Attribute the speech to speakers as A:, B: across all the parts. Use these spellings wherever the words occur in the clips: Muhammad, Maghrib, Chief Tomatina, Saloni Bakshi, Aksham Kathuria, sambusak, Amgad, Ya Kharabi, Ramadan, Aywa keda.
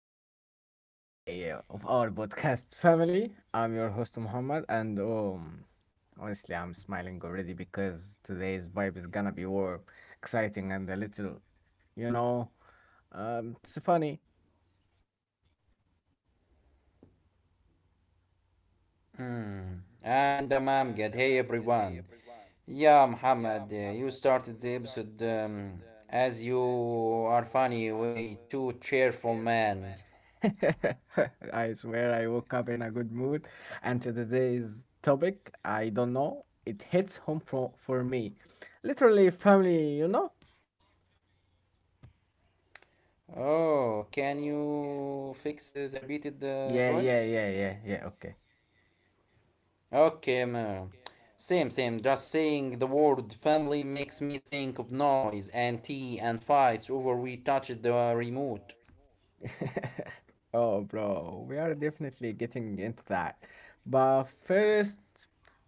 A: eh, wait, our podcast family. I'm your host Muhammad, and honestly, I'm smiling already because today's vibe is gonna be warm, exciting, and a little, you know, it's funny.
B: Mm. And Amam good. Hey everyone. Yeah, Muhammad, you started the episode as you are funny, way too cheerful man.
A: I swear, I woke up in a good mood, and to today's topic, I don't know, it hits home for me, literally family.
B: Oh, can you fix the repeated
A: Yeah, yeah,
B: voice?
A: yeah, yeah, yeah,
B: Okay, ma. Same, same. Just saying the word family makes me think of noise and tea and fights over we touched the remote.
A: okay. Oh, bro, we are definitely getting into that. But first,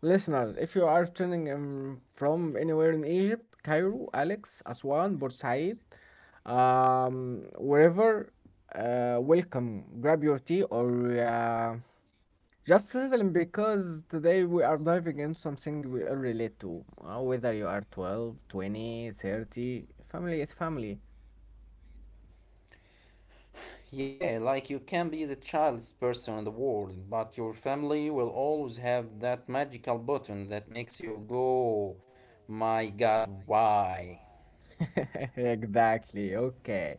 A: listeners, if you are tuning in from anywhere in Egypt, Cairo, Alex, Aswan, Bursaid, um, wherever, welcome. Grab your tea or uh, just simply because today we are diving into something we all relate to. Whether you are 12, 20, 30, family is family.
B: Yeah, like you can be the childest person in the world, but your family will always have that magical button that makes you go, my god, why?
A: Exactly. Okay.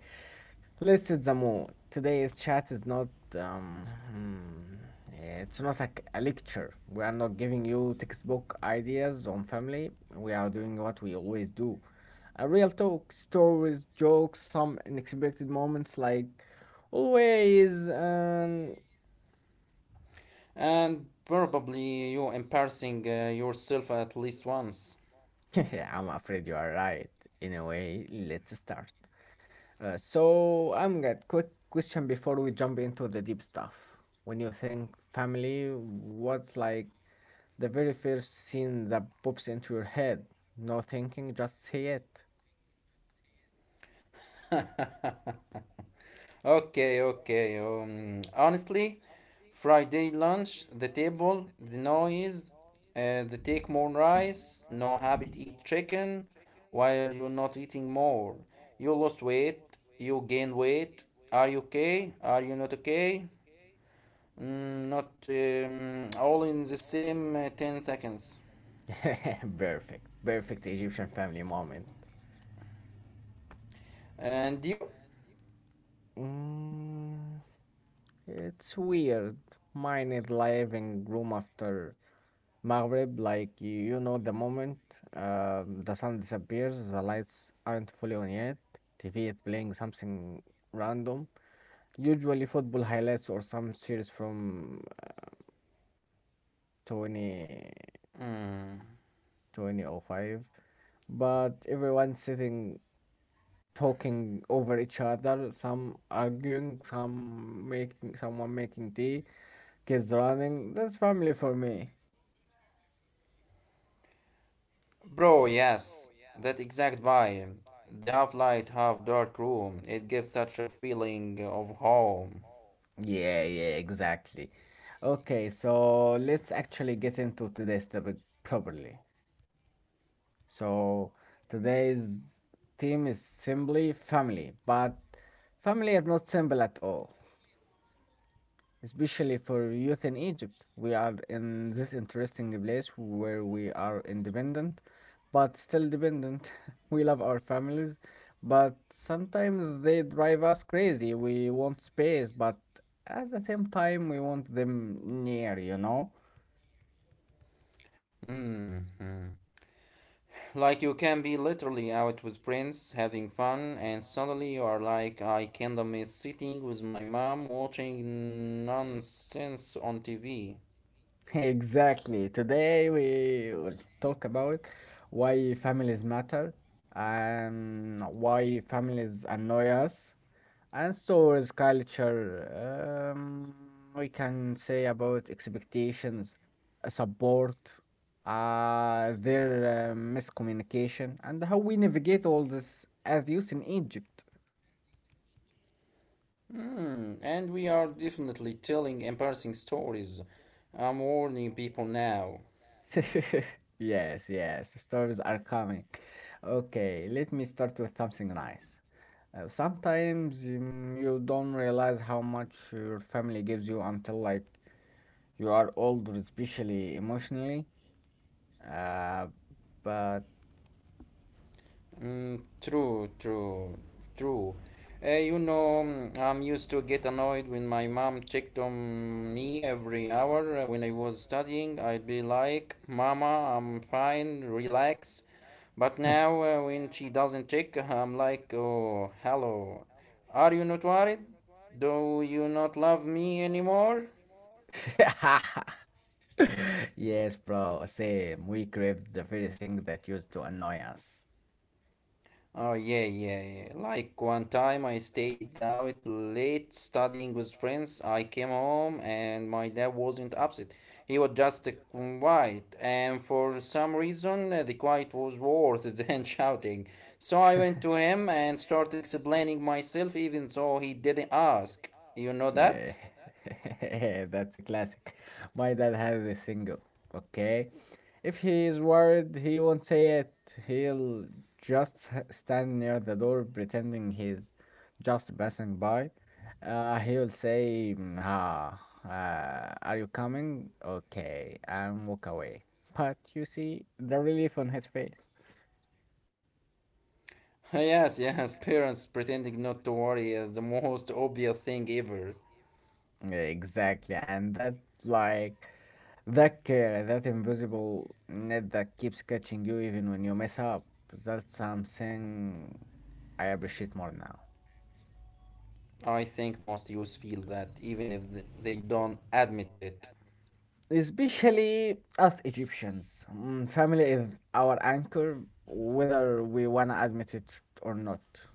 A: Let's set the mood. Today's chat is not, um, hmm, it's not like a lecture. We are not giving you textbook ideas on family. We are doing what we always do. A real talk, stories, jokes, some unexpected moments like always. And.
B: And probably you embarrassing yourself at least once.
A: I'm afraid you are right. In a way, let's start. So, I'm got quick question before we jump into the deep stuff. When you think family, what's like the very first scene that pops into your head? No thinking, just say it.
B: Okay, okay. Honestly, Friday lunch, the table, the noise, the take more rice, no habit eat chicken. Why are you not eating more? You lost weight, you gained weight. Are you okay? Are you not okay? Not all in the same 10 seconds.
A: Perfect. Perfect Egyptian family moment.
B: And you?
A: Mm, it's weird. Mine is living room after Maghrib, like the moment the sun disappears, the lights aren't fully on yet. TV is playing something random, usually football highlights or some series from 20,
B: Hmm.
A: 2005. But everyone's sitting talking over each other, some arguing, someone making tea, kids running. That's family for me.
B: Bro, yes, that exact vibe. The half light, half dark room, it gives such a feeling of home.
A: Yeah, yeah, exactly. Okay, so let's actually get into today's topic properly. So today's theme is simply family, but family is not simple at all especially for youth in Egypt. We are in this interesting place where we are independent, but still dependent. We love our families, but sometimes they drive us crazy. We want space, but at the same time, we want them near, you know?
B: Hmm. Like you can be literally out with friends having fun, and suddenly you are like, I kinda miss sitting with my mom watching nonsense on TV.
A: Exactly. Today, we will talk about why families matter and why families annoy us and stores culture, um, we can say about expectations, support, their miscommunication, and how we navigate all this as youth in Egypt.
B: Hmm, and we are definitely telling embarrassing stories. I'm warning people now.
A: Yes, yes, stories are coming. Okay, let me start with something nice. Sometimes you don't realize how much your family gives you until like you are older, especially emotionally. Uh, but
B: Mm, true, true, true. You know, I'm used to get annoyed when my mom checked on me every hour when I was studying. I'd be like, "Mama, I'm fine, relax." But now, when she doesn't check, I'm like, "Oh, hello. Are you not worried? Do you not love me anymore?"
A: Yes, bro. Same. We crave the very thing that used to annoy us.
B: Oh, yeah, yeah, yeah. Like one time I stayed out late studying with friends. I came home and my dad wasn't upset. He was just quiet, and for some reason, the quiet was worse than shouting. So I went to him and started explaining myself, even though he didn't ask. You know that?
A: That's a classic. My dad has a single, okay? If he is worried, he won't say it. He'll just stand near the door pretending he's just passing by. He'll say, "Mm, Ah, are you coming? Okay," and walk away. But you see the relief on his face.
B: Yes, yes, parents pretending not to worry is the most obvious thing ever.
A: Exactly, and like that care, that invisible net that keeps catching you even when you mess up. That's something I appreciate more now.
B: I think most youths feel that even if they don't admit it.
A: Especially us Egyptians. Family is our anchor, whether we wanna admit it or not.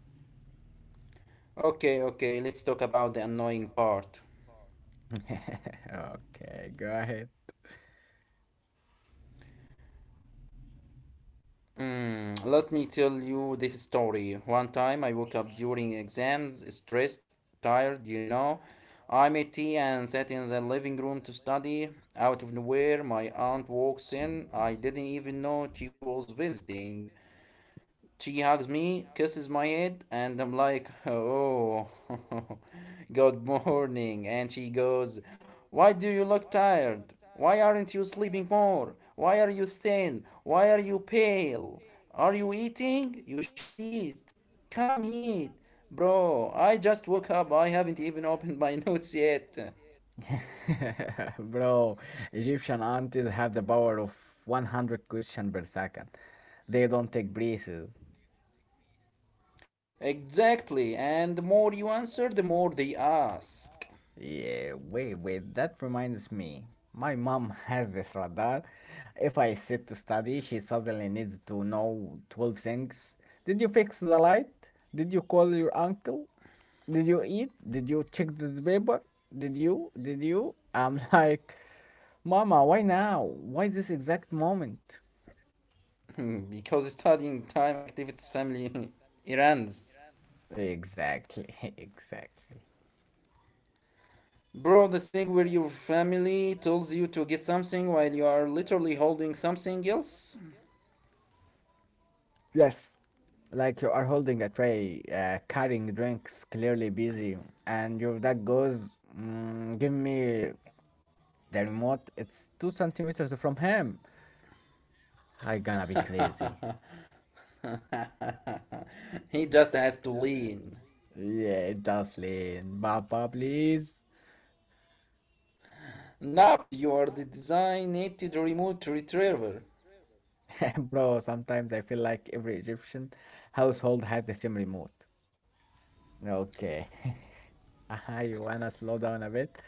B: Okay, okay, let's talk about the annoying part.
A: Okay, go ahead.
B: Hmm, let me tell you this story. One time I woke up during exams, stressed, tired, you know. I made tea and sat in the living room to study. Out of nowhere, my aunt walks in. I didn't even know she was visiting. She hugs me, kisses my head, and I'm like, oh, good morning. And she goes, why do you look tired? Why aren't you sleeping more? Why are you thin? Why are you pale? Are you eating? You should eat. Come eat. Bro, I just woke up. I haven't even opened my notes yet.
A: Bro, Egyptian aunties have the power of 100 questions per second. They don't take breathes.
B: Exactly. And the more you answer, the more they ask.
A: Yeah, wait, wait, that reminds me. My mom has this radar. If I sit to study, she suddenly needs to know 12 things. Did you fix the light? Did you call your uncle? Did you eat? Did you check the paper? Did you? Did you? I'm like, Mama, why now? Why this exact moment?
B: Because studying time activates family errands.
A: Exactly, exactly.
B: Bro, that thing where your family tells you to get something while you are literally holding something else?
A: Yes, like you are holding a tray, carrying drinks, clearly busy, and your dad goes, "Give me the remote. It's 2 centimeters from him." I gonna be crazy.
B: He just has to lean.
A: Yeah, Jocelyn, Papa, please.
B: Nub, you are the designated remote retriever.
A: Bro, sometimes I feel like every Egyptian household has the same remote. Okay. I wanna slow down a bit,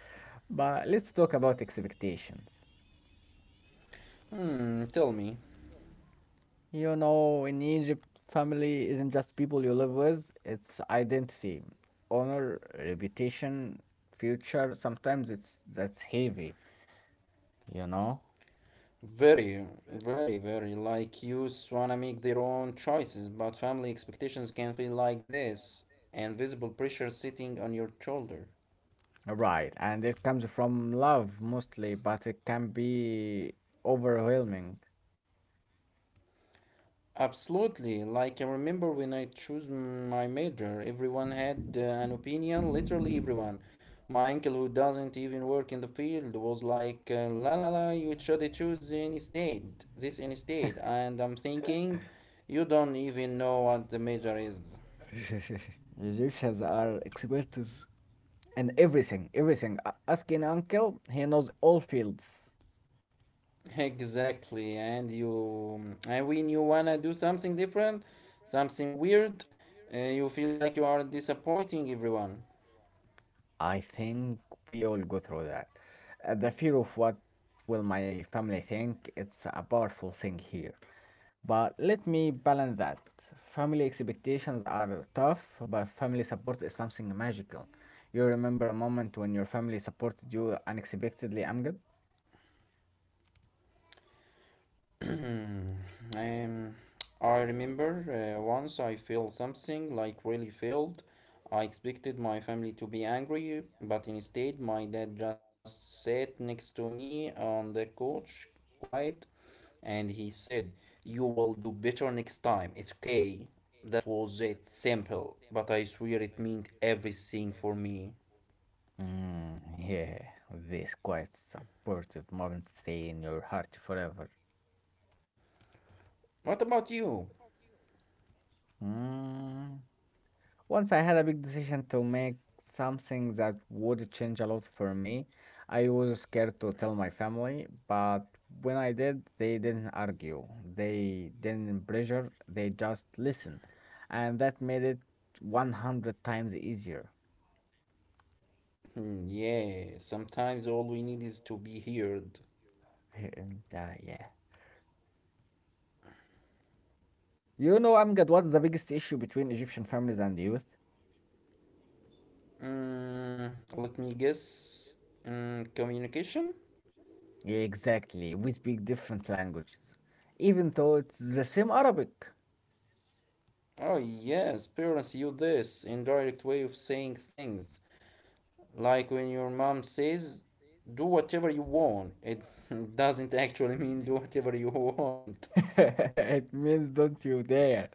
A: but let's talk about expectations.
B: Mm, tell me.
A: You know, in Egypt, family isn't just people you live with, it's identity, honor, reputation, future. Sometimes it's that's heavy, you know?
B: Very, very, very like youths wanna make their own choices, but family expectations can feel like this invisible pressure sitting on your shoulder.
A: Right, and it comes from love mostly, but it can be overwhelming.
B: Absolutely. Like, I remember when I chose my major, everyone had an opinion, literally everyone. My uncle, who doesn't even work in the field, was like, la la la, you should choose instead, this instead. And I'm thinking, you don't even know what the major is.
A: Egyptians are experts and everything, everything. Ask an uncle, he knows all fields.
B: Exactly. And when you wanna do something different, something weird, you feel like you are disappointing everyone.
A: I think we all go through that. The fear of what will my family think, it's a powerful thing here. But let me balance that. Family expectations are tough, but family support is something magical. You remember a moment when your family supported you unexpectedly, Amgad?
B: um, I remember once I felt something like really failed. I expected my family to be angry, but instead, my dad just sat next to me on the couch, quiet, and he said, you will do better next time. It's okay. That was it. Simple. But I swear it meant everything for me.
A: Mm, yeah, this quite supportive moments stay in your heart forever.
B: What about you?
A: Mm, Once I had a big decision to make, something that would change a lot for me. I was scared to tell my family, but when I did, they didn't argue, they didn't pressure, they just listened. And that made it 100 times easier.
B: Hmm, yeah, sometimes all we need is to be heard.
A: And, yeah. You know, Amgad, what's the biggest issue between Egyptian families and youth?
B: Mm, let me guess. Mm, communication?
A: Yeah, exactly. We speak different languages, even though it's the same Arabic.
B: Oh, yes, parents use this indirect way of saying things. Like when your mom says, do whatever you want, it doesn't actually mean do whatever you want.
A: you. It means don't you dare.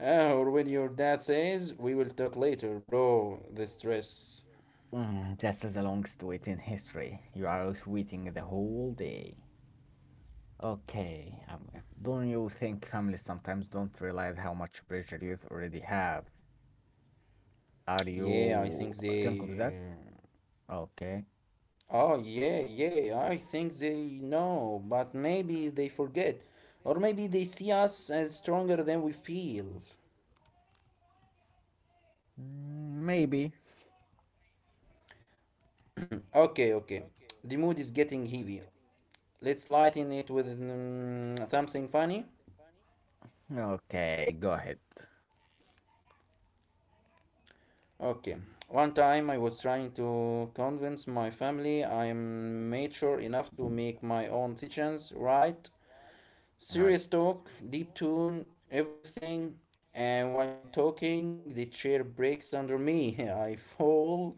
B: Ah, or when your dad says, we will talk later, bro, the stress.
A: This is the longest wait in history. You are waiting the whole day. Okay, don't you think families sometimes don't realize how much pressure youth already have? Are
B: Yeah, I
A: you
B: think
A: think of that?
B: they.
A: Okay,
B: Oh, yeah, yeah, I think they know, but maybe they forget. Or maybe they see us as stronger than we feel.
A: Maybe.
B: Okay, okay. The mood is getting heavy. Let's lighten it with something funny.
A: Okay, go ahead.
B: Okay. One time I was trying to convince my family I am mature enough to make my own decisions, right? Serious talk, deep tone, everything. And while I'm talking, the chair breaks under me. I fall,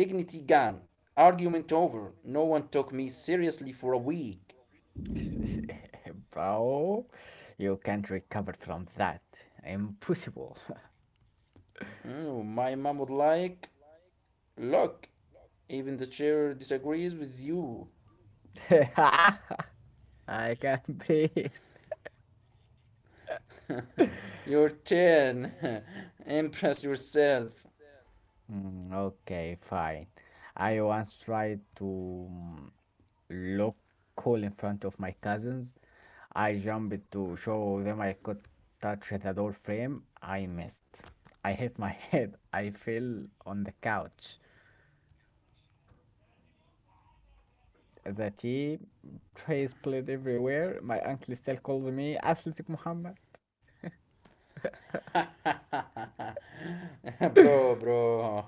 B: dignity gone, argument over. No one took me seriously for a week.
A: Bro, you can't recover from that. Impossible.
B: Mm, my mom would like, look, even the chair disagrees with you.
A: I can't breathe.
B: Your turn. Impress yourself.
A: Mm, okay, fine. I once tried to look cool in front of my cousins. I jumped to show them I could touch the door frame. I missed. I hit my head. I fell on the couch. The tea Trace played everywhere. My uncle still calls me Athletic Muhammad.
B: Bro, bro.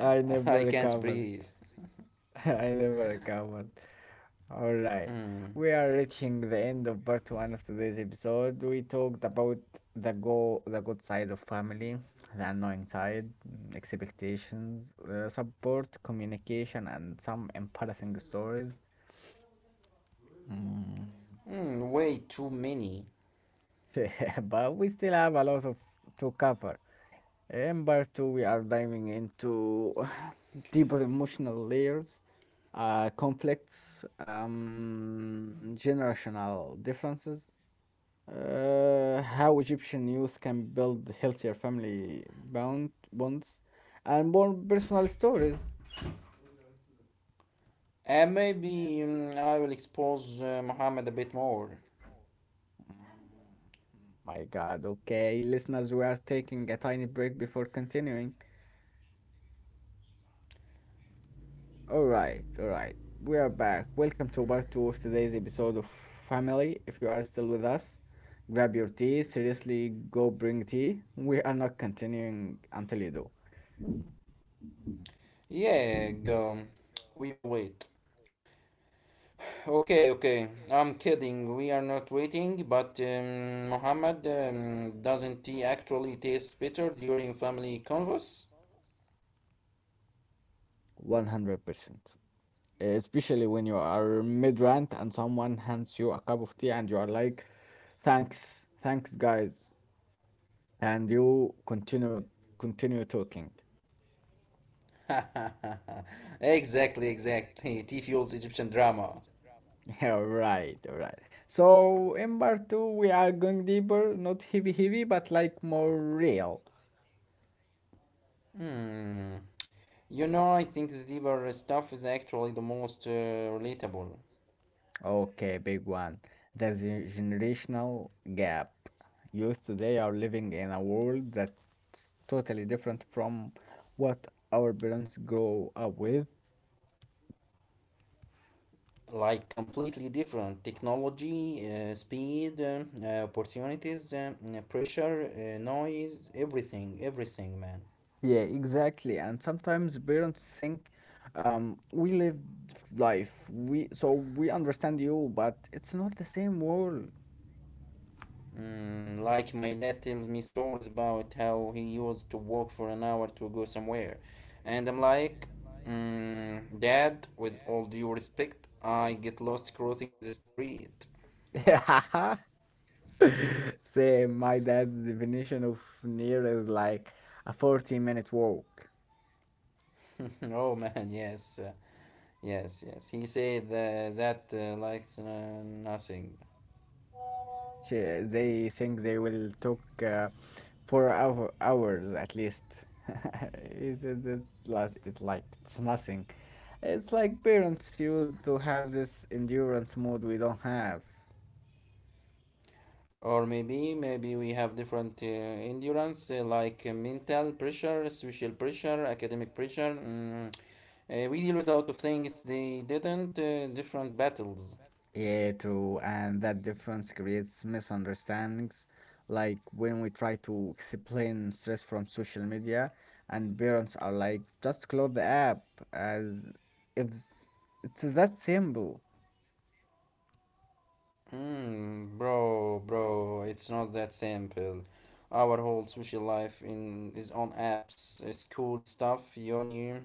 A: I never
B: I can't
A: recovered.
B: breathe.
A: I never recovered. All right.
B: Mm.
A: We are reaching the end of part one of today's episode. We talked about the good side of family, the annoying side, expectations, support, communication, and some embarrassing stories. Mm.
B: Mm, way too many.
A: But we still have a lot of to cover. In part two, we are diving into deeper emotional layers, conflicts, generational differences, how Egyptian youth can build healthier family bound bonds, and more personal stories.
B: Maybe I will expose Muhammad a bit more.
A: Mm, My God, okay, listeners, we are taking a tiny break before continuing. All right, all right. We are back. Welcome to part two of today's episode of Family. If you are still with us, grab your tea. Seriously, go bring tea. We are not continuing until you do.
B: Yeah, go. We will wait. Okay, okay. I'm kidding. We are not waiting, but Muhammad, doesn't he actually taste bitter during family convos?
A: 100%. Especially when you are mid rant and someone hands you a cup of tea and you are like, thanks, thanks, guys. And you continue talking.
B: Exactly, exactly. Tea fuels Egyptian drama.
A: Yeah, right, right. So in part two, we are going deeper, not heavy, heavy, but like more real.
B: Hmm. You know, I think the deeper stuff is actually the most relatable.
A: Okay, big one. The generational gap. Youth today are living in a world that's totally different from what our parents grow up with.
B: Like completely different technology, speed, opportunities, pressure, noise, everything, everything, man.
A: Yeah, exactly. And sometimes parents think we lived life, we so we understand you, but it's not the same world.
B: Mm, like my dad tells me stories about how he used to walk for an hour to go somewhere, and I'm like, mm, Dad, with all due respect, I get lost crossing the street.
A: I Same, my dad's definition of near is like a 40-minute walk.
B: Oh man, yes, yes, yes. He said that like nothing.
A: They think they will talk for hours at least. Is it it like it's nothing. It's like parents used to have this endurance mode we don't have.
B: Or maybe we have different endurance like mental pressure, social pressure, academic pressure. Mm. We deal with a lot of things they didn't. Different battles.
A: Yeah, true, and that difference creates misunderstandings. Like when we try to explain stress from social media, and parents are like, just close the app, as if it's that simple.
B: Mm, bro, bro, it's not that simple. Our whole social life in is on apps, school stuff, uni,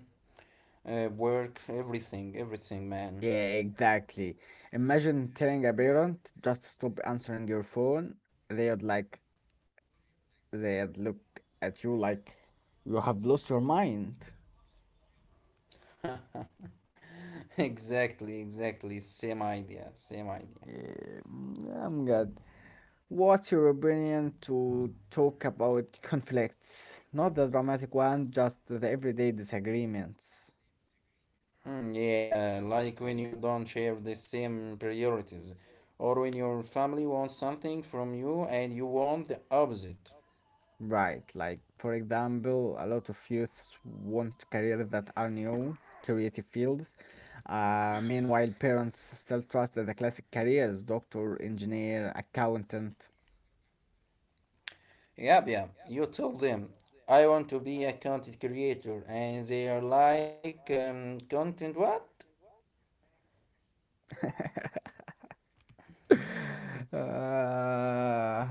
B: work, everything, everything, man.
A: Yeah, exactly. Imagine telling a parent just stop answering your phone. They'd like, they'd look at you like you have lost your mind.
B: Exactly, exactly. Same idea, same idea.
A: Eh, I'm good. What's your opinion to talk about conflicts? Not the dramatic one, just the everyday disagreements.
B: Mm, yeah, like when you don't share the same priorities, or when your family wants something from you and you want the opposite.
A: Right, like for example, a lot of youth want careers that are new, creative fields. Meanwhile, parents still trust the classic careers, doctor, engineer, accountant.
B: Yep, yeah. You tell them, I want to be a content creator, and they are like, content what?
A: Uh,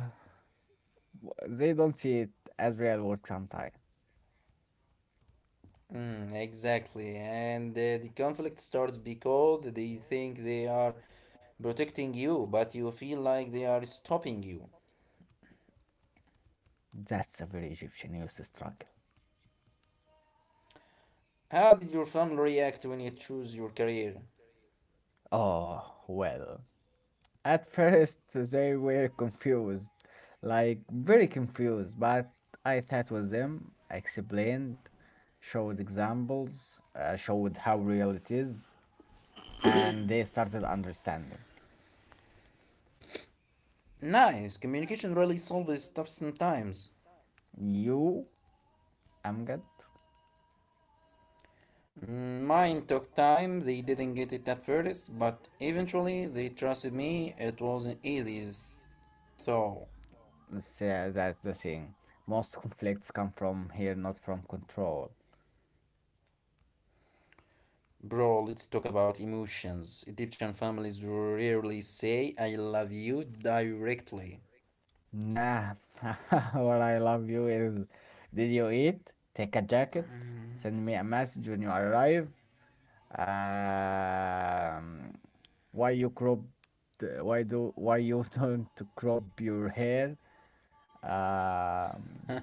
A: they don't see it as real work sometimes.
B: Mm, exactly, and the conflict starts because they think they are protecting you, but you feel like they are stopping you.
A: That's a very Egyptian youth struggle.
B: How did your family react when you choose your career?
A: Oh, well, at first they were confused, like very confused, but I sat with them, I explained, showed examples, showed how real it is, and they started understanding.
B: Nice. Communication really solves stuff sometimes.
A: You, Amgad,
B: Mm, mine took time, they didn't get it at first, but eventually they trusted me. It wasn't easy, though.
A: say that's the thing. Most conflicts come from here, not from control.
B: Bro, let's talk about emotions. Egyptian families rarely say I love you directly.
A: Nah, what I love you is did you eat? Take a jacket, send me a message when you arrive. Um, why you crop? Why you don't crop your hair? Um,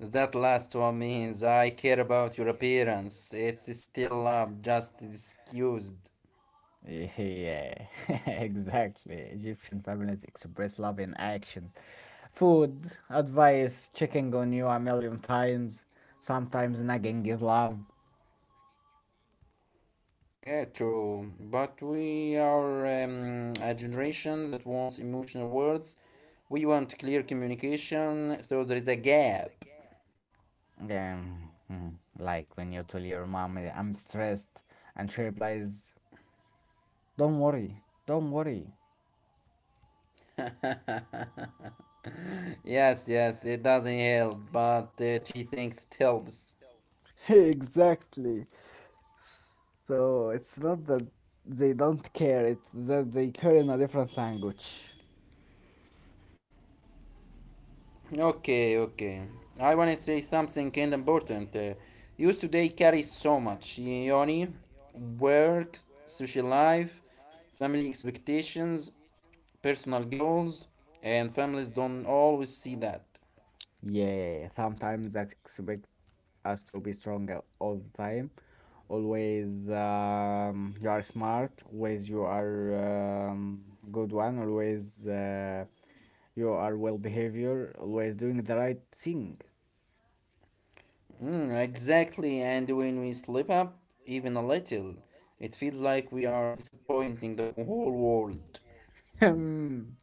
B: That last one means I care about your appearance. It's still love, just excused.
A: Yeah, exactly. Egyptian families express love in actions. Food, advice, checking on you a million times, sometimes nagging is love.
B: Yeah, true. But we are a generation that wants emotional words. We want clear communication, so there is a gap.
A: Like when you tell your mom, I'm stressed, and she replies, don't worry, don't worry.
B: Yes, yes, it doesn't help, but she thinks it helps.
A: Exactly. So it's not that they don't care, it's that they care in a different language.
B: Okay, okay. I want to say something kind of important. Youth today carry so much yoni, work, social life, family expectations, personal goals, and families don't always see that.
A: Yeah, sometimes that expect us to be stronger all the time. Always, you are smart. Always, you are good one. Always, you are well behavior. Always doing the right thing.
B: Mm, exactly, and when we slip up even a little, it feels like we are disappointing the whole world.
A: Hmm.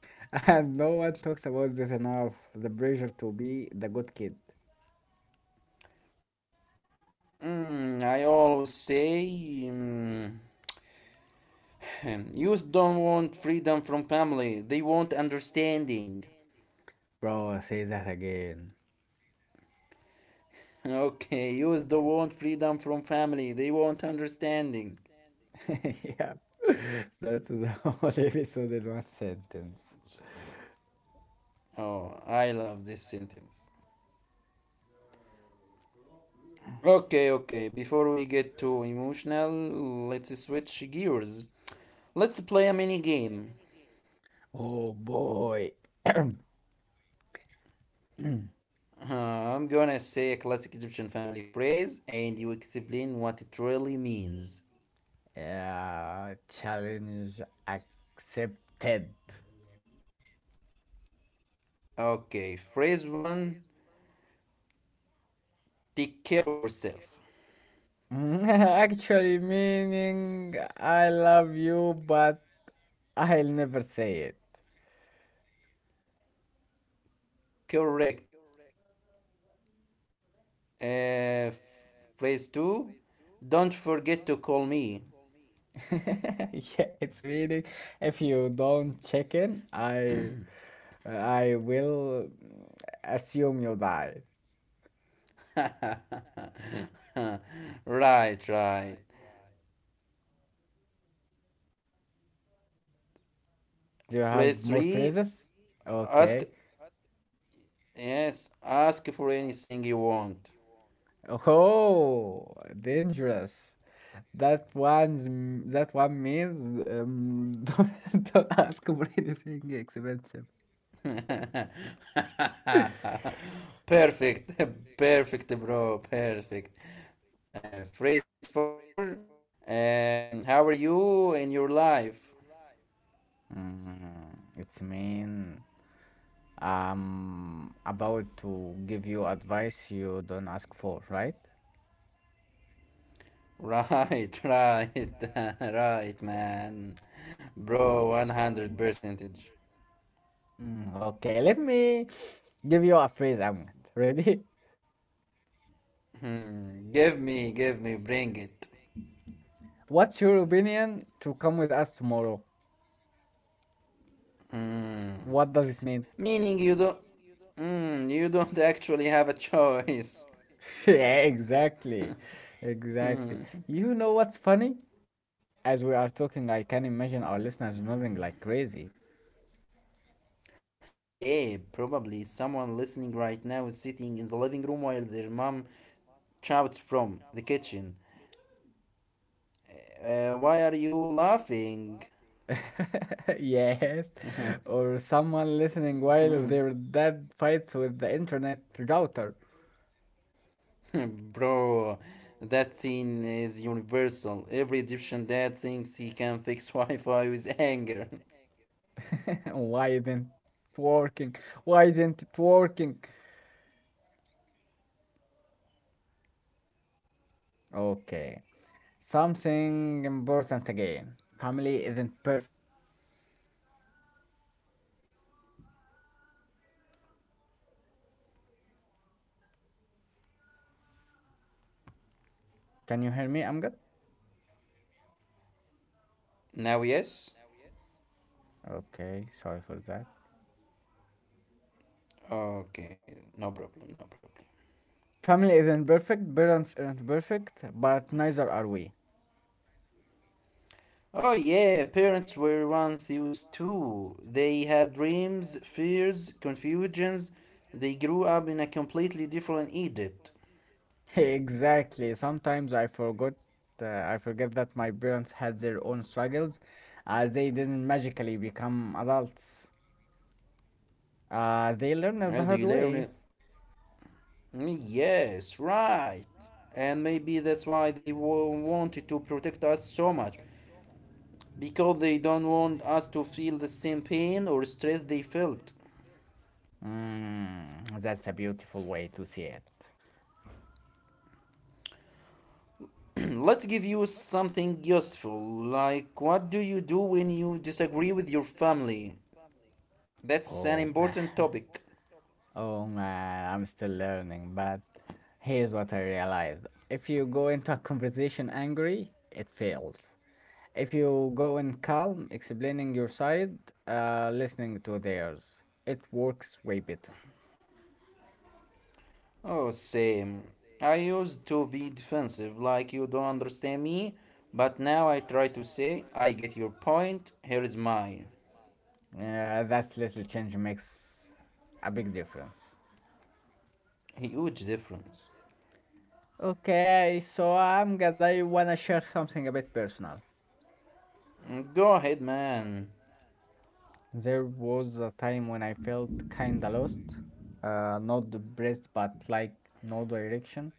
A: And no one talks about this enough. The pressure to be the good kid.
B: Mm, I always say, mm, youth don't want freedom from family, they want understanding.
A: Bro, say that again.
B: Okay, youth don't want freedom from family, they want understanding.
A: Yeah, that is the whole episode in one sentence.
B: Oh, I love this sentence. Okay, okay, before we get too emotional, let's switch gears. Let's play a mini game.
A: Oh boy.
B: I'm gonna say a classic Egyptian family phrase and you explain what it really means.
A: Yeah, challenge accepted.
B: Okay, phrase one, take care of yourself.
A: Actually, meaning I love you, but I'll never say it.
B: Correct. Uh, phrase two, don't forget to call me.
A: Yeah, it's meaning if you don't check in, I will assume you die.
B: Right, right.
A: Do you have
B: Phrase
A: more
B: three,
A: phrases?
B: ask,
A: Okay.
B: yes, ask for anything you want.
A: Oh, dangerous. That one means don't ask for anything expensive.
B: Perfect, perfect, bro, perfect. Phrase four. How are you in your life?
A: It's mean I'm about to give you advice you don't ask for, right?
B: Right, right, right, man. Bro, 100 percentage.
A: Okay, let me give you a phrase, Ahmed. Ready?
B: Hmm. Give me, bring it.
A: What's your opinion to come with us tomorrow? What does it mean?
B: Meaning you don't. Mm, you don't actually have a choice.
A: Yeah, exactly. Exactly. You know what's funny? As we are talking, I can imagine our listeners nodding like crazy.
B: Yeah, probably someone listening right now is sitting in the living room while their mom shouts from the kitchen. Why are you laughing?
A: Yes. Or someone listening while their dad fights with the internet router.
B: Bro, that scene is universal. Every Egyptian dad thinks he can fix Wi Fi with anger.
A: Why isn't it working? Why isn't it working? Okay. Something important again. Family isn't perfect. Parents aren't perfect, but neither are we. Can you hear me, Amgad?
B: Now, yes?
A: Okay, sorry for that.
B: Okay, no problem, no problem.
A: Family isn't perfect, parents aren't perfect, but neither are we.
B: Oh, yeah, parents were once used too. They had dreams, fears, confusions. They grew up in a completely different Egypt.
A: Exactly. Sometimes I forget that my parents had their own struggles. They didn't magically become adults. They learned it the
B: Right, do
A: hard
B: you learn
A: way.
B: it? Mm, yes, right. And maybe that's why they wanted to protect us so much, because they don't want us to feel the same pain or stress they felt.
A: That's a beautiful way to see it.
B: Let's give you something useful, like what do you do when you disagree with your family? That's an
A: Oh man.
B: important topic.
A: Oh man, I'm still learning, but here's what I realized. If you go into a conversation angry, it fails. If you go in calm, explaining your side, listening to theirs, it works way better.
B: Oh, same. I used to be defensive, like you don't understand me, but now I try to say, I get your point, here is mine.
A: That little change makes a big difference.
B: Huge difference.
A: Okay, so I'm glad I wanna share something a bit personal.
B: Go ahead, man.
A: There was a time when I felt kinda lost, not depressed, but like no direction,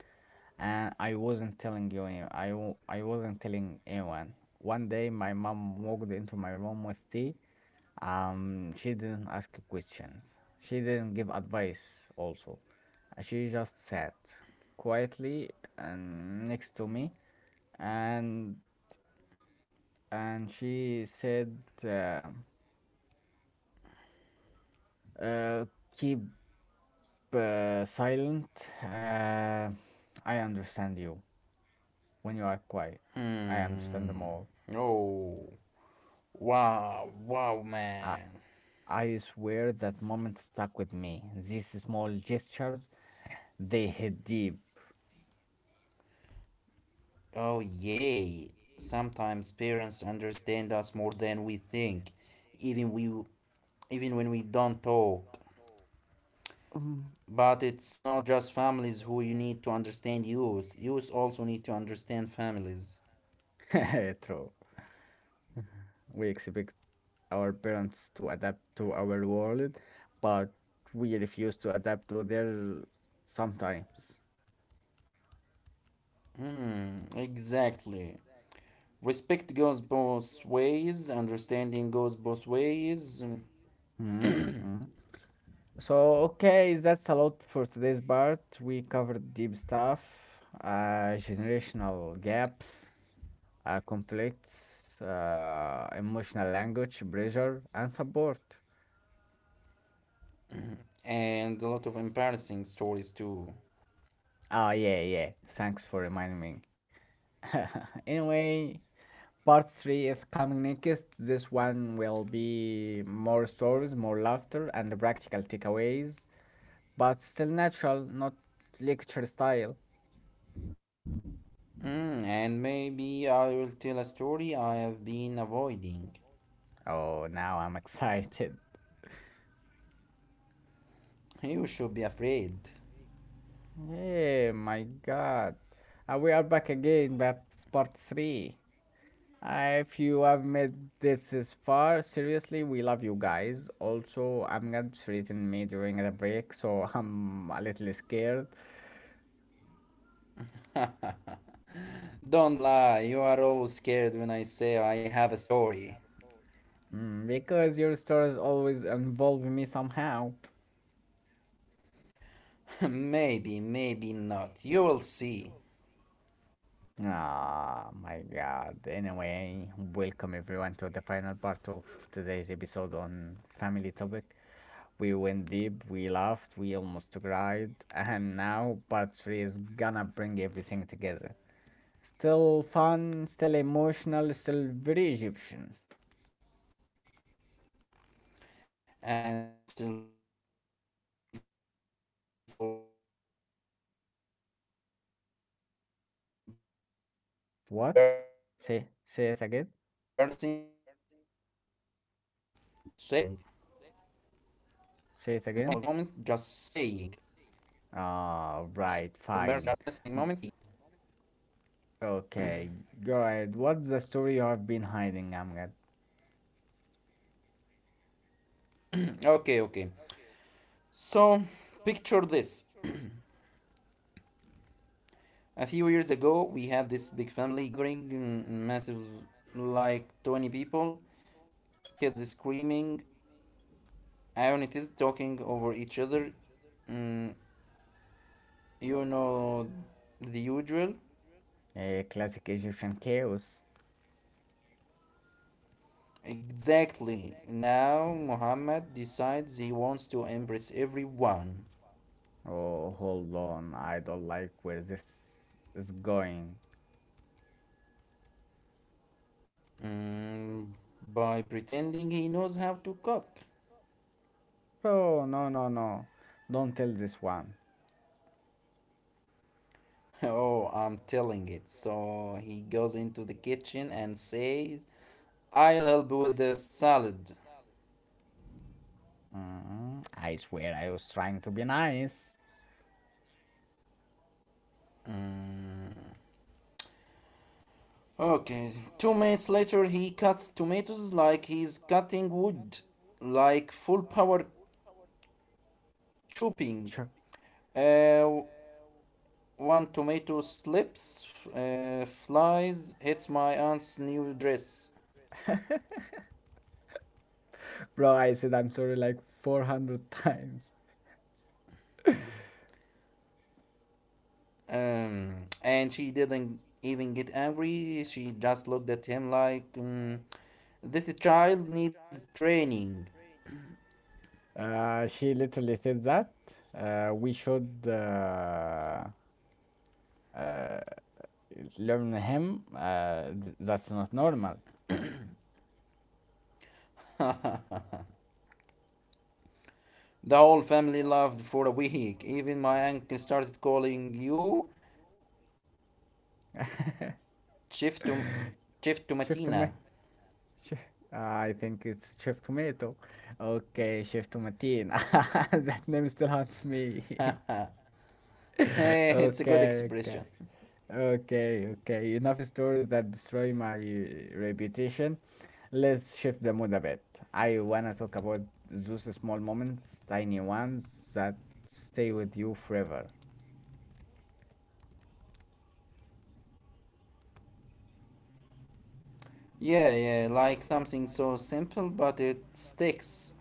A: and I wasn't telling you, I wasn't telling anyone. One day, my mom walked into my room with tea. She didn't ask questions. She didn't give advice also. She just sat quietly and next to me and and she said uh, uh, keep silent. Uh, I understand you when you are quiet. I understand them all.
B: Oh, wow, wow,
A: I,
B: man.
A: I swear that moment stuck with me. These small gestures, they hit deep.
B: Oh, yay. Sometimes parents understand us more than we think, even we even when we don't talk.
A: Mm.
B: But it's not just families who you need to understand youth. Youth also need to understand families.
A: True. We expect our parents to adapt to our world, but we refuse to adapt to their sometimes.
B: Hmm, exactly. Respect goes both ways, understanding goes both ways,
A: Mhm, mhm. So, okay, that's a lot for today's part. We covered deep stuff, generational gaps, conflicts, emotional language, pressure, and support.
B: and a lot of embarrassing stories too.
A: Ah, yeah, yeah. Thanks for reminding me. Anyway, Part 3 is coming next. This one will be more stories, more laughter, and practical takeaways, but still natural, not lecture style.
B: Hmm, and maybe I will tell a story I have been avoiding.
A: Oh, now I'm excited.
B: You should be afraid.
A: Yeah, my god. We are back again, that's part 3. If you have made this far, seriously, we love you guys. Also, I'm Amgad threatened me during the break, so I'm a little scared.
B: Don't lie, you are always scared when I say I have a story.
A: Because your stories always involve me somehow.
B: Maybe, maybe not. You will see.
A: Ah, my God. Anyway, welcome everyone to the final part of today's episode on family topic. We went deep, we laughed, we almost cried, and now part three is gonna bring everything together. Still fun, still emotional, still very Egyptian.
B: And still full of embarrassing moments, just saying.
A: What? Say it again.
B: Oh, and still full of
A: Say it again.
B: embarrassing moments, just saying.
A: Ah, right, fine. Okay, go ahead. What's the story you have been hiding, Amgad?
B: Okay, okay. So, picture this. A few years ago, we had this big family gathering, massive, like 20 people, kids screaming, Ionities talking over each other. Mm, You know the usual.
A: A classic Egyptian chaos.
B: Exactly. Now Muhammad decides he wants to impress everyone
A: Oh, hold on. I don't like where this is going.
B: mm, by pretending he knows how to cook.
A: Bro, no, no, no. Don't tell this one.
B: Oh, I'm telling it. So he goes into the kitchen and says, I'll help with the salad.
A: I swear I was trying to be nice.
B: Okay, 2 minutes later, he cuts tomatoes like he's cutting wood, like full power chopping.
A: Sure.
B: Uh, one tomato slips, flies, hits my aunt's new dress.
A: Bro, I said I'm sorry like 400 times.
B: And she didn't even get angry. She just looked at him like, mm, this child needs training.
A: She literally said that we should uh, learn him. That's not normal.
B: The whole family laughed for a week. Even my uncle started calling you Chief, to," Chief
A: Shift to me.
B: Tomatina.
A: Shi- I think it's Chef Tomato. Okay, Chef Tomatine. That name still haunts me.
B: It's a good
A: Okay, okay.
B: expression.
A: Okay, okay. Enough stories that destroy my reputation. Let's shift the mood a bit. I wanna talk about those small moments, tiny ones that stay with you forever.
B: Yeah, yeah, like something so simple, but it sticks.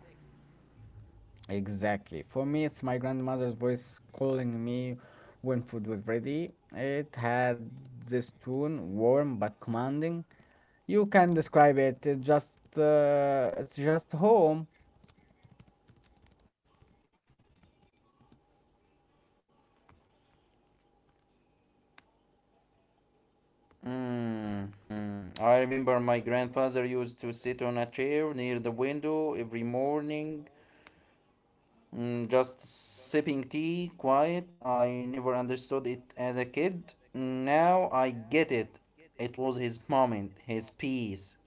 A: Exactly. For me, it's my grandmother's voice calling me when food was ready. It had this tone, warm but commanding. You can describe it. It's just home.
B: Hmm. I remember my grandfather used to sit on a chair near the window every morning, just sipping tea, quiet. I never understood it as a kid. Now I get it. It was his moment, his peace.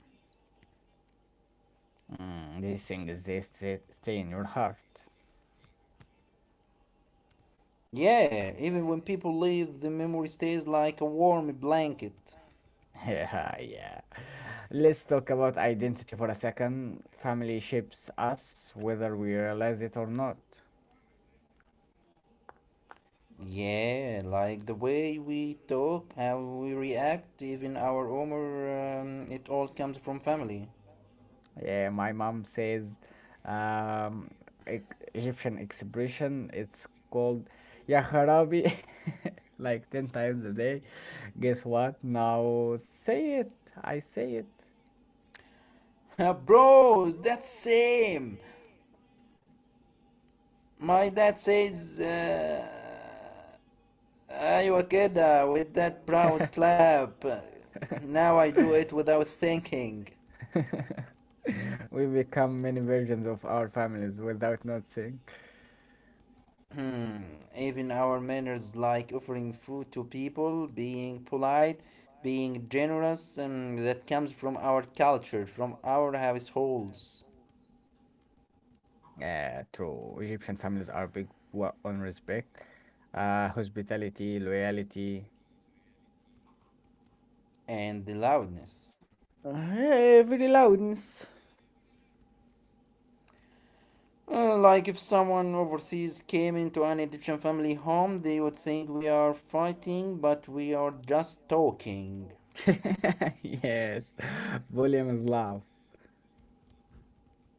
A: These things they stay in your heart.
B: Yeah, even when people leave, the memory stays like a warm blanket.
A: Yeah, yeah. Let's talk about identity for a second. Family shapes us whether we realize it or not.
B: Yeah, like the way we talk, how we react, even our humor, it all comes from family.
A: Yeah, my mom says um Egyptian expression, it's called Ya Kharabi like 10 times a day. Guess what? Now say it. I say it.
B: Bro, that's same. My dad says, Aywa keda, with that proud clap. Now I do it without thinking.
A: We become many versions of our families without noticing.
B: Hmm, even our manners like offering food to people, being polite, being generous, that comes from our culture, from our households,
A: Yeah, true. Egyptian families are big on respect, hospitality, loyalty.
B: and the loudness.
A: Every loudness.
B: Like if someone overseas came into an Egyptian family home, they would think we are fighting, but we are just talking.
A: Yes, volume is love.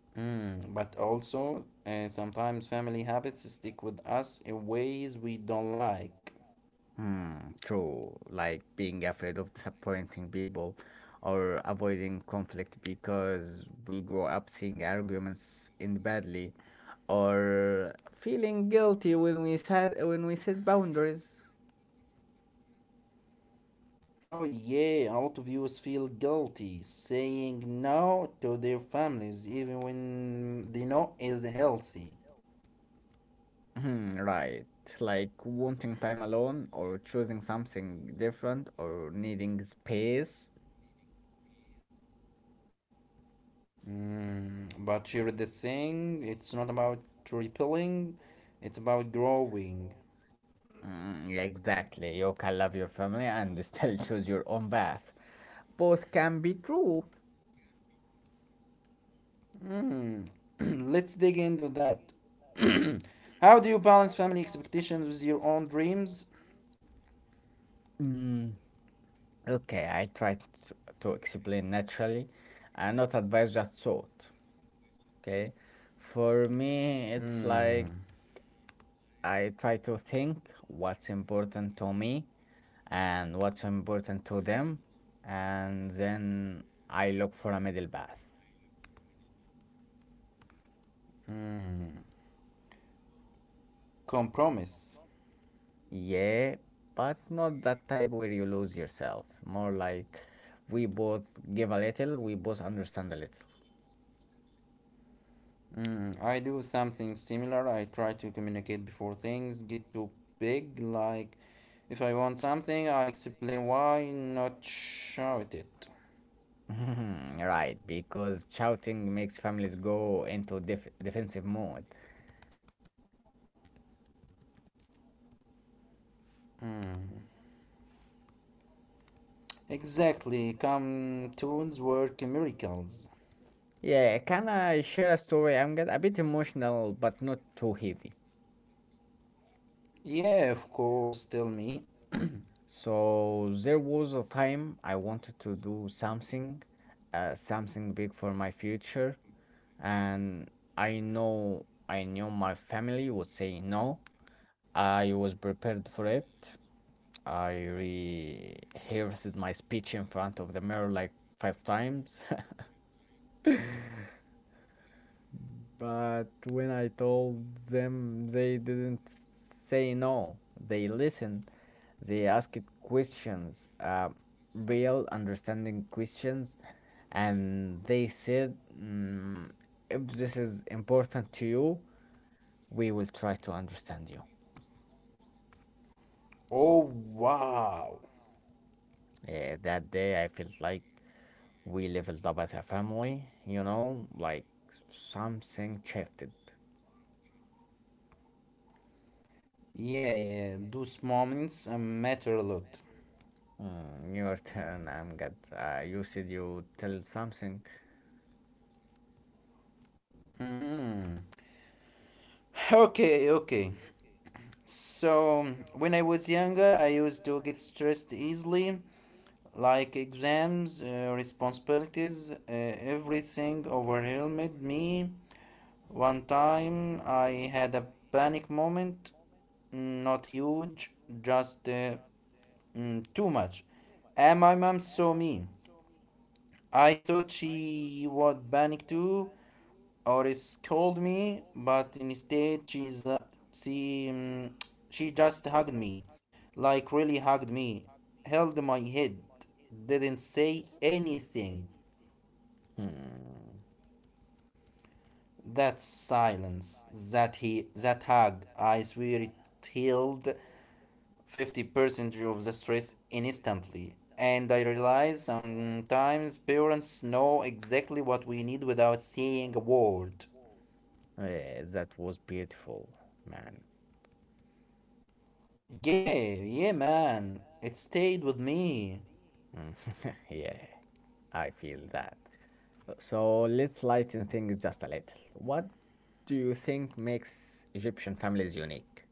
B: Mm, but also, sometimes family habits stick with us in ways we don't like.
A: Hmm, True. Like being afraid of disappointing people or avoiding conflict because we grow up seeing arguments end badly or feeling guilty when we set boundaries.
B: Oh, yeah, a lot of youth feel guilty saying no to their families, even when they know it's healthy.
A: Hmm, right. Like wanting time alone or choosing something different or needing space.
B: Mm, but here the thing, it's not about repelling, it's about growing.
A: Mm, exactly. You can love your family and still choose your own path. Both can be true.
B: Mm. Let's dig into that. How do you balance family expectations with your own dreams?
A: Hmm. Okay, I tried to explain naturally and not advise just thought. Okay, for me, it's
B: Mm.
A: like I try to think what's important to me and what's important to them, and then I look for a middle path.
B: Mm. Compromise.
A: Yeah, but not that type where you lose yourself, more like we both give a little, we both understand a little.
B: Mm. I do something similar. I try to communicate before things get too big. Like, if I want something, I explain why, not shout it.
A: Mhm, right, because shouting makes families go into defensive mode.
B: Mm. Exactly. Cartoons work miracles.
A: Yeah, can I share a story? I'm get a bit emotional, but not too heavy.
B: Yeah, of course. Tell me.
A: So there was a time I wanted to do something, something big for my future, and I knew my family would say no. I was prepared for it. I rehearsed my speech in front of the mirror like five times. But when I told them, they didn't say no. They listened. They asked questions, real understanding questions, and they said, if this is important to you, we will try to understand you.
B: Oh, wow.
A: That day, I felt like we leveled up as a family, like something shifted.
B: Yeah, yeah, those moments matter a lot.
A: Your turn, Amgad. You said you tell something.
B: Mm. Okay, okay. So, when I was younger, I used to get stressed easily, like exams, responsibilities, everything overwhelmed me. One time, I had a panic moment, not huge, just too much. And my mom saw me. I thought she would panic too, or is called me, but instead she um, she just hugged me, like really hugged me, held my head, didn't say anything.
A: Hmm.
B: That silence, that hug, I swear it healed 50% of the stress instantly. And I realize sometimes parents know exactly what we need without saying a word.
A: Yeah, that was beautiful, man.
B: Yeah, yeah, man. It stayed with me.
A: Me. Hmm, Yeah, I feel that. So let's lighten things just a little. What do you think makes Egyptian families unique?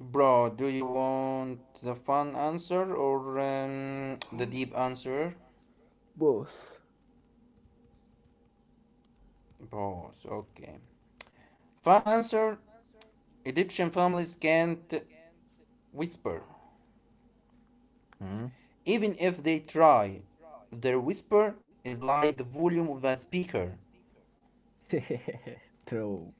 B: Bro, do you want the fun answer or the deep answer?
A: Both.
B: Both, okay. Fun answer: Egyptian families can't whisper.
A: Hmm?
B: Even if they try, their whisper is like the volume of a speaker.
A: True.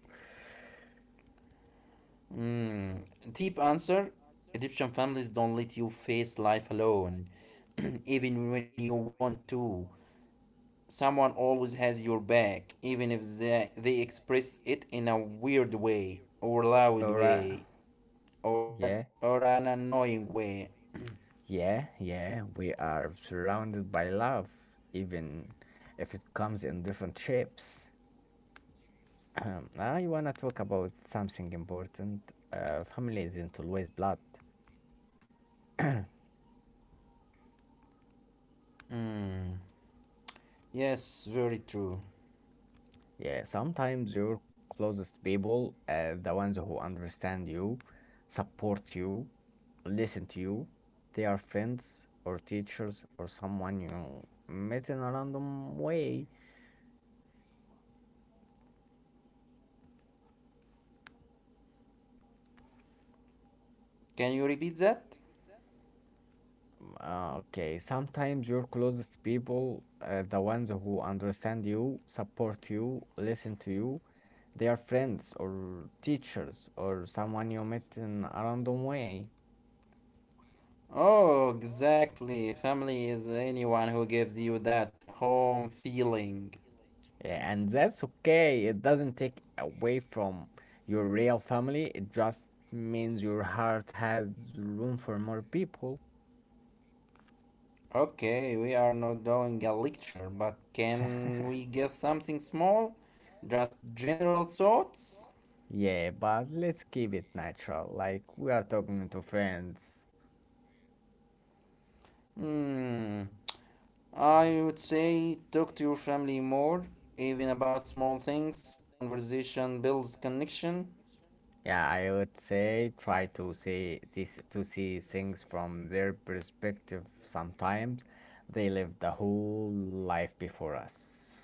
B: Mm. Deep answer: Egyptian families don't let you face life alone, even when you want to. Someone always has your back, even if they express it in a weird way, or loud
A: All right.
B: way, or an,
A: Yeah.
B: or an annoying way.
A: Yeah, yeah, we are surrounded by love, even if it comes in different shapes. I wanna talk about something important. Family isn't always blood.
B: Mm. Yes, very true.
A: Yeah, sometimes your closest people, the ones who understand you, support you, listen to you, they are friends or teachers or someone you met in a random way.
B: Can you repeat that?
A: Okay, sometimes your closest people, the ones who understand you, support you, listen to you, they are friends or teachers or someone you met in a random way.
B: Oh, exactly. Family is anyone who gives you that home feeling.
A: Yeah, and that's okay. It doesn't take away from your real family. It just means your heart has room for more people.
B: Okay, we are not doing a lecture, but can we give something small? Just general thoughts?
A: Yeah, but let's keep it natural. Like we are talking to friends.
B: Hmm. I would say talk to your family more, even about small things. Conversation builds connection,
A: Yeah, I would say try to see this to see things from their perspective sometimes. They live the whole life before us.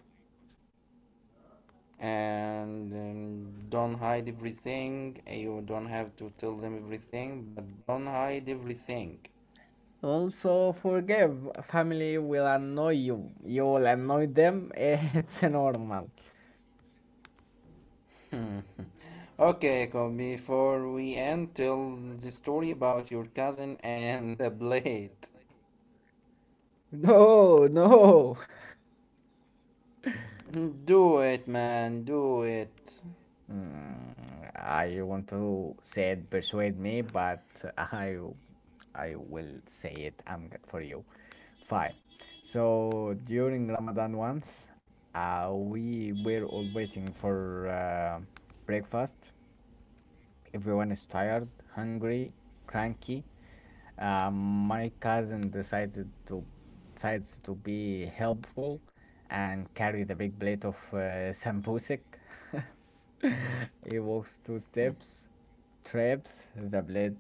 B: and don't hide everything. You don't have to tell them everything, but don't hide everything.
A: Also, forgive. Family will annoy you. You will annoy them. It's normal.
B: Okay, come before we end, tell the story about your cousin and the blade.
A: No, no.
B: Do it, man, do it.
A: I want to say it persuade me, but I I will say it. I'm good for you. Fine. So during Ramadan once, we were all waiting for breakfast. Everyone is tired, hungry, cranky. My cousin decided to decides to be helpful and carry the big plate of sambusak. He walks two steps, trips, the plate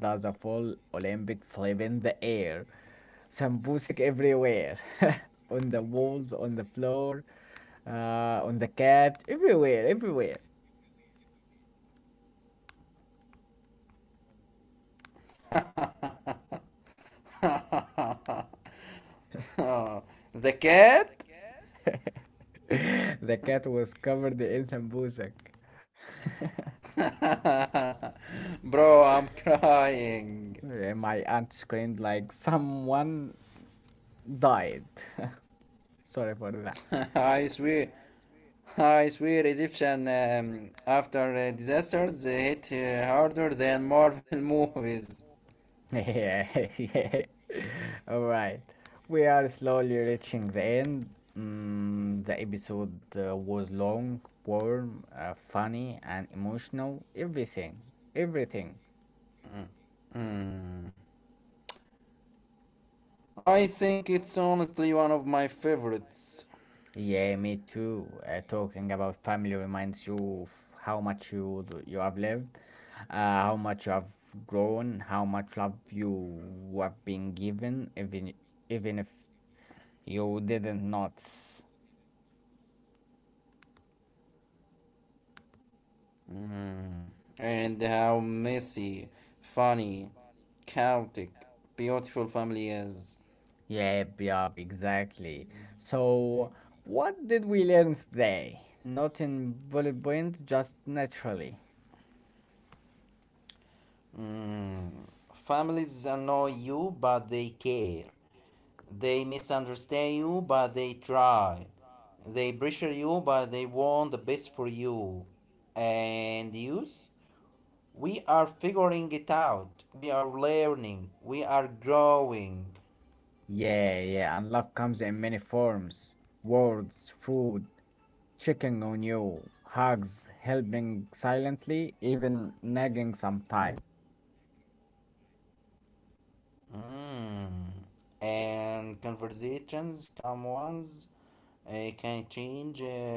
A: does a full Olympic flip in the air. Some music everywhere. On the walls, on the floor, on the cat, everywhere, everywhere.
B: Oh, the cat.
A: The cat was covered in sambusak.
B: Bro, I'm crying.
A: Yeah, my aunt screamed like someone died. Sorry for that.
B: I swear, I swear, Egyptian after disasters they hit harder than Marvel movies.
A: Movies. Yeah, yeah. All right. We are slowly reaching the end. The episode was long, warm, funny, and emotional. Everything. Everything.
B: Hmm. I think it's honestly one of my favorites.
A: Yeah, me too. Talking about family reminds you of how much you have lived, how much you have grown, how much love you have been given, even if you didn't notice.
B: Hmm. And how messy, funny, chaotic, beautiful family is.
A: Yep, yep, exactly. So, what did we learn today? Not in bullet points, just naturally.
B: Hmm. Families annoy you, but they care. They misunderstand you, but they try. They pressure you, but they want the best for you. And youth, we are figuring it out. We are learning. We are growing.
A: Yeah, yeah, and love comes in many forms: words, food, checking on you, hugs, helping silently, even nagging sometimes.
B: Mm. And conversations, calm ones, can change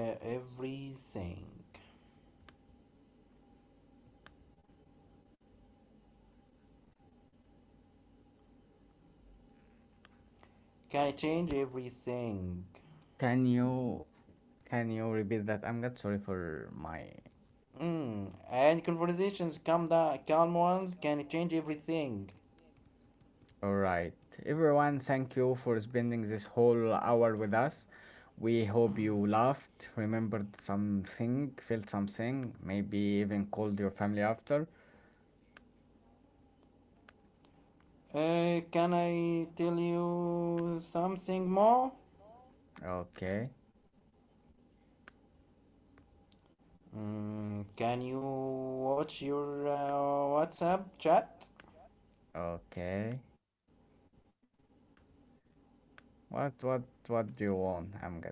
B: everything. Can change everything.
A: Can you can you repeat that, Amgad? Sorry for my.
B: Mm. And conversations, calm ones, can change everything.
A: All right, everyone. Thank you for spending this whole hour with us. We hope you laughed, remembered something, felt something, maybe even called your family after.
B: Can I tell you something more?
A: Okay,
B: Mm, can you watch your WhatsApp chat?
A: okay. What do you want, Amgad?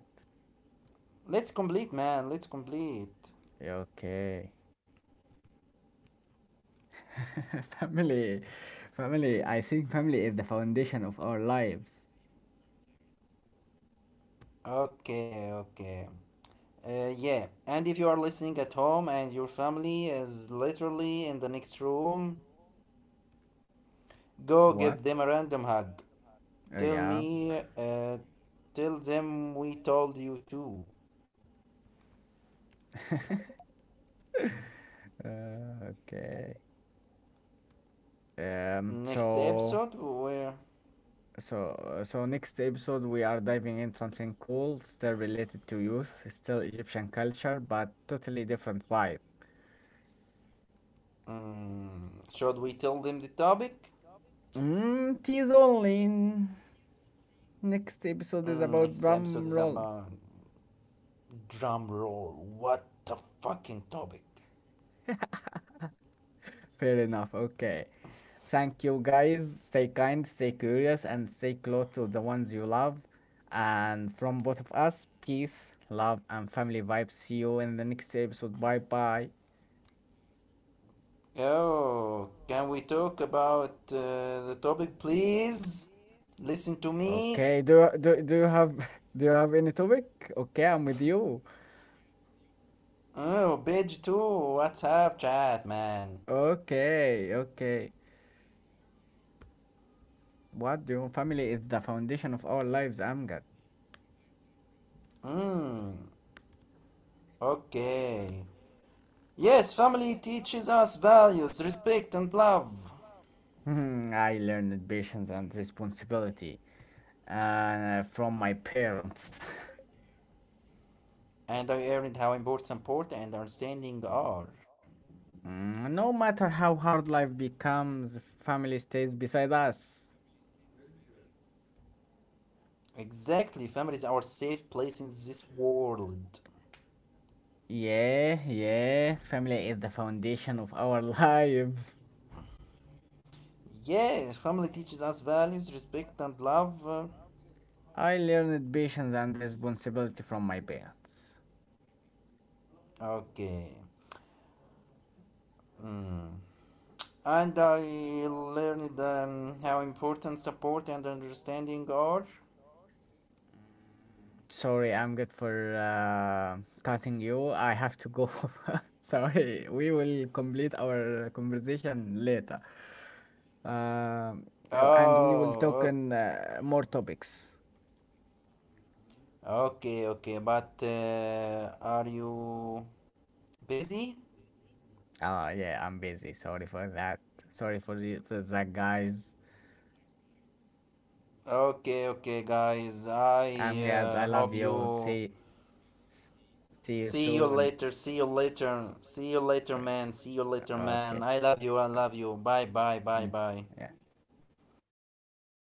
B: Let's complete, man. Let's complete.
A: Okay. Family, family. I think family is the foundation of our lives.
B: Okay, okay. Yeah, and if you are listening at home and your family is literally in the next room, go give
A: What?
B: them a random hug.
A: Oh,
B: Tell
A: yeah.
B: me, tell them we told you to.
A: Okay.
B: Next episode,
A: So.
B: where
A: So next episode we are diving in something cool, still related to youth, still Egyptian culture, but totally different vibe.
B: mm, should we tell them the topic?
A: Tease only. Next episode is
B: Mm,
A: about
B: next
A: drum
B: episode is
A: roll.
B: about drum roll. What the fucking topic?
A: Fair enough. Okay. Thank you, guys. Stay kind, stay curious, and stay close to the ones you love. And from both of us, peace, love, and family vibes. See you in the next episode. Bye bye.
B: Oh, can we talk about the topic, please? Listen to me.
A: Okay. Do do do you have Do you have any topic? Okay, I'm with you.
B: Oh, bitch, too. What's up, chat, man?
A: Okay. Okay. What do you Family is the foundation of our lives, Amgad.
B: Mm, okay. Yes, family teaches us values, respect, and love.
A: I learned patience and responsibility from my parents.
B: And I learned how important support and understanding are.
A: No matter how hard life becomes, family stays beside us.
B: Exactly, family is our safe place in this world.
A: Yeah, yeah, family is the foundation of our lives.
B: Yes, family teaches us values, respect, and love.
A: I learned patience and responsibility from my parents.
B: Okay. Mm. And I learned how important support and understanding are.
A: Sorry, I'm good for cutting you. I have to go. Sorry, we will complete our conversation later. Um, oh, and we will talk
B: Oh,
A: on more topics.
B: okay, okay, okay. But are you busy?
A: Oh yeah, I'm busy. Sorry for that. Sorry for you for that, guys.
B: Okay, okay,
A: Okay, okay,
B: guys.
A: guys.
B: I
A: I'm glad. I love
B: hope
A: you.
B: you.
A: S- See you
B: See you
A: soon.
B: later.
A: See you
B: See you
A: later. See you
B: later. See
A: later.
B: you later,
A: Okay. See you
B: man. See
A: later,
B: you
A: man. See
B: later,
A: you Okay.
B: man. I love you. I
A: Uh,
B: love you. Bye, bye, bye,
A: Bye bye.
B: bye.
A: Yeah.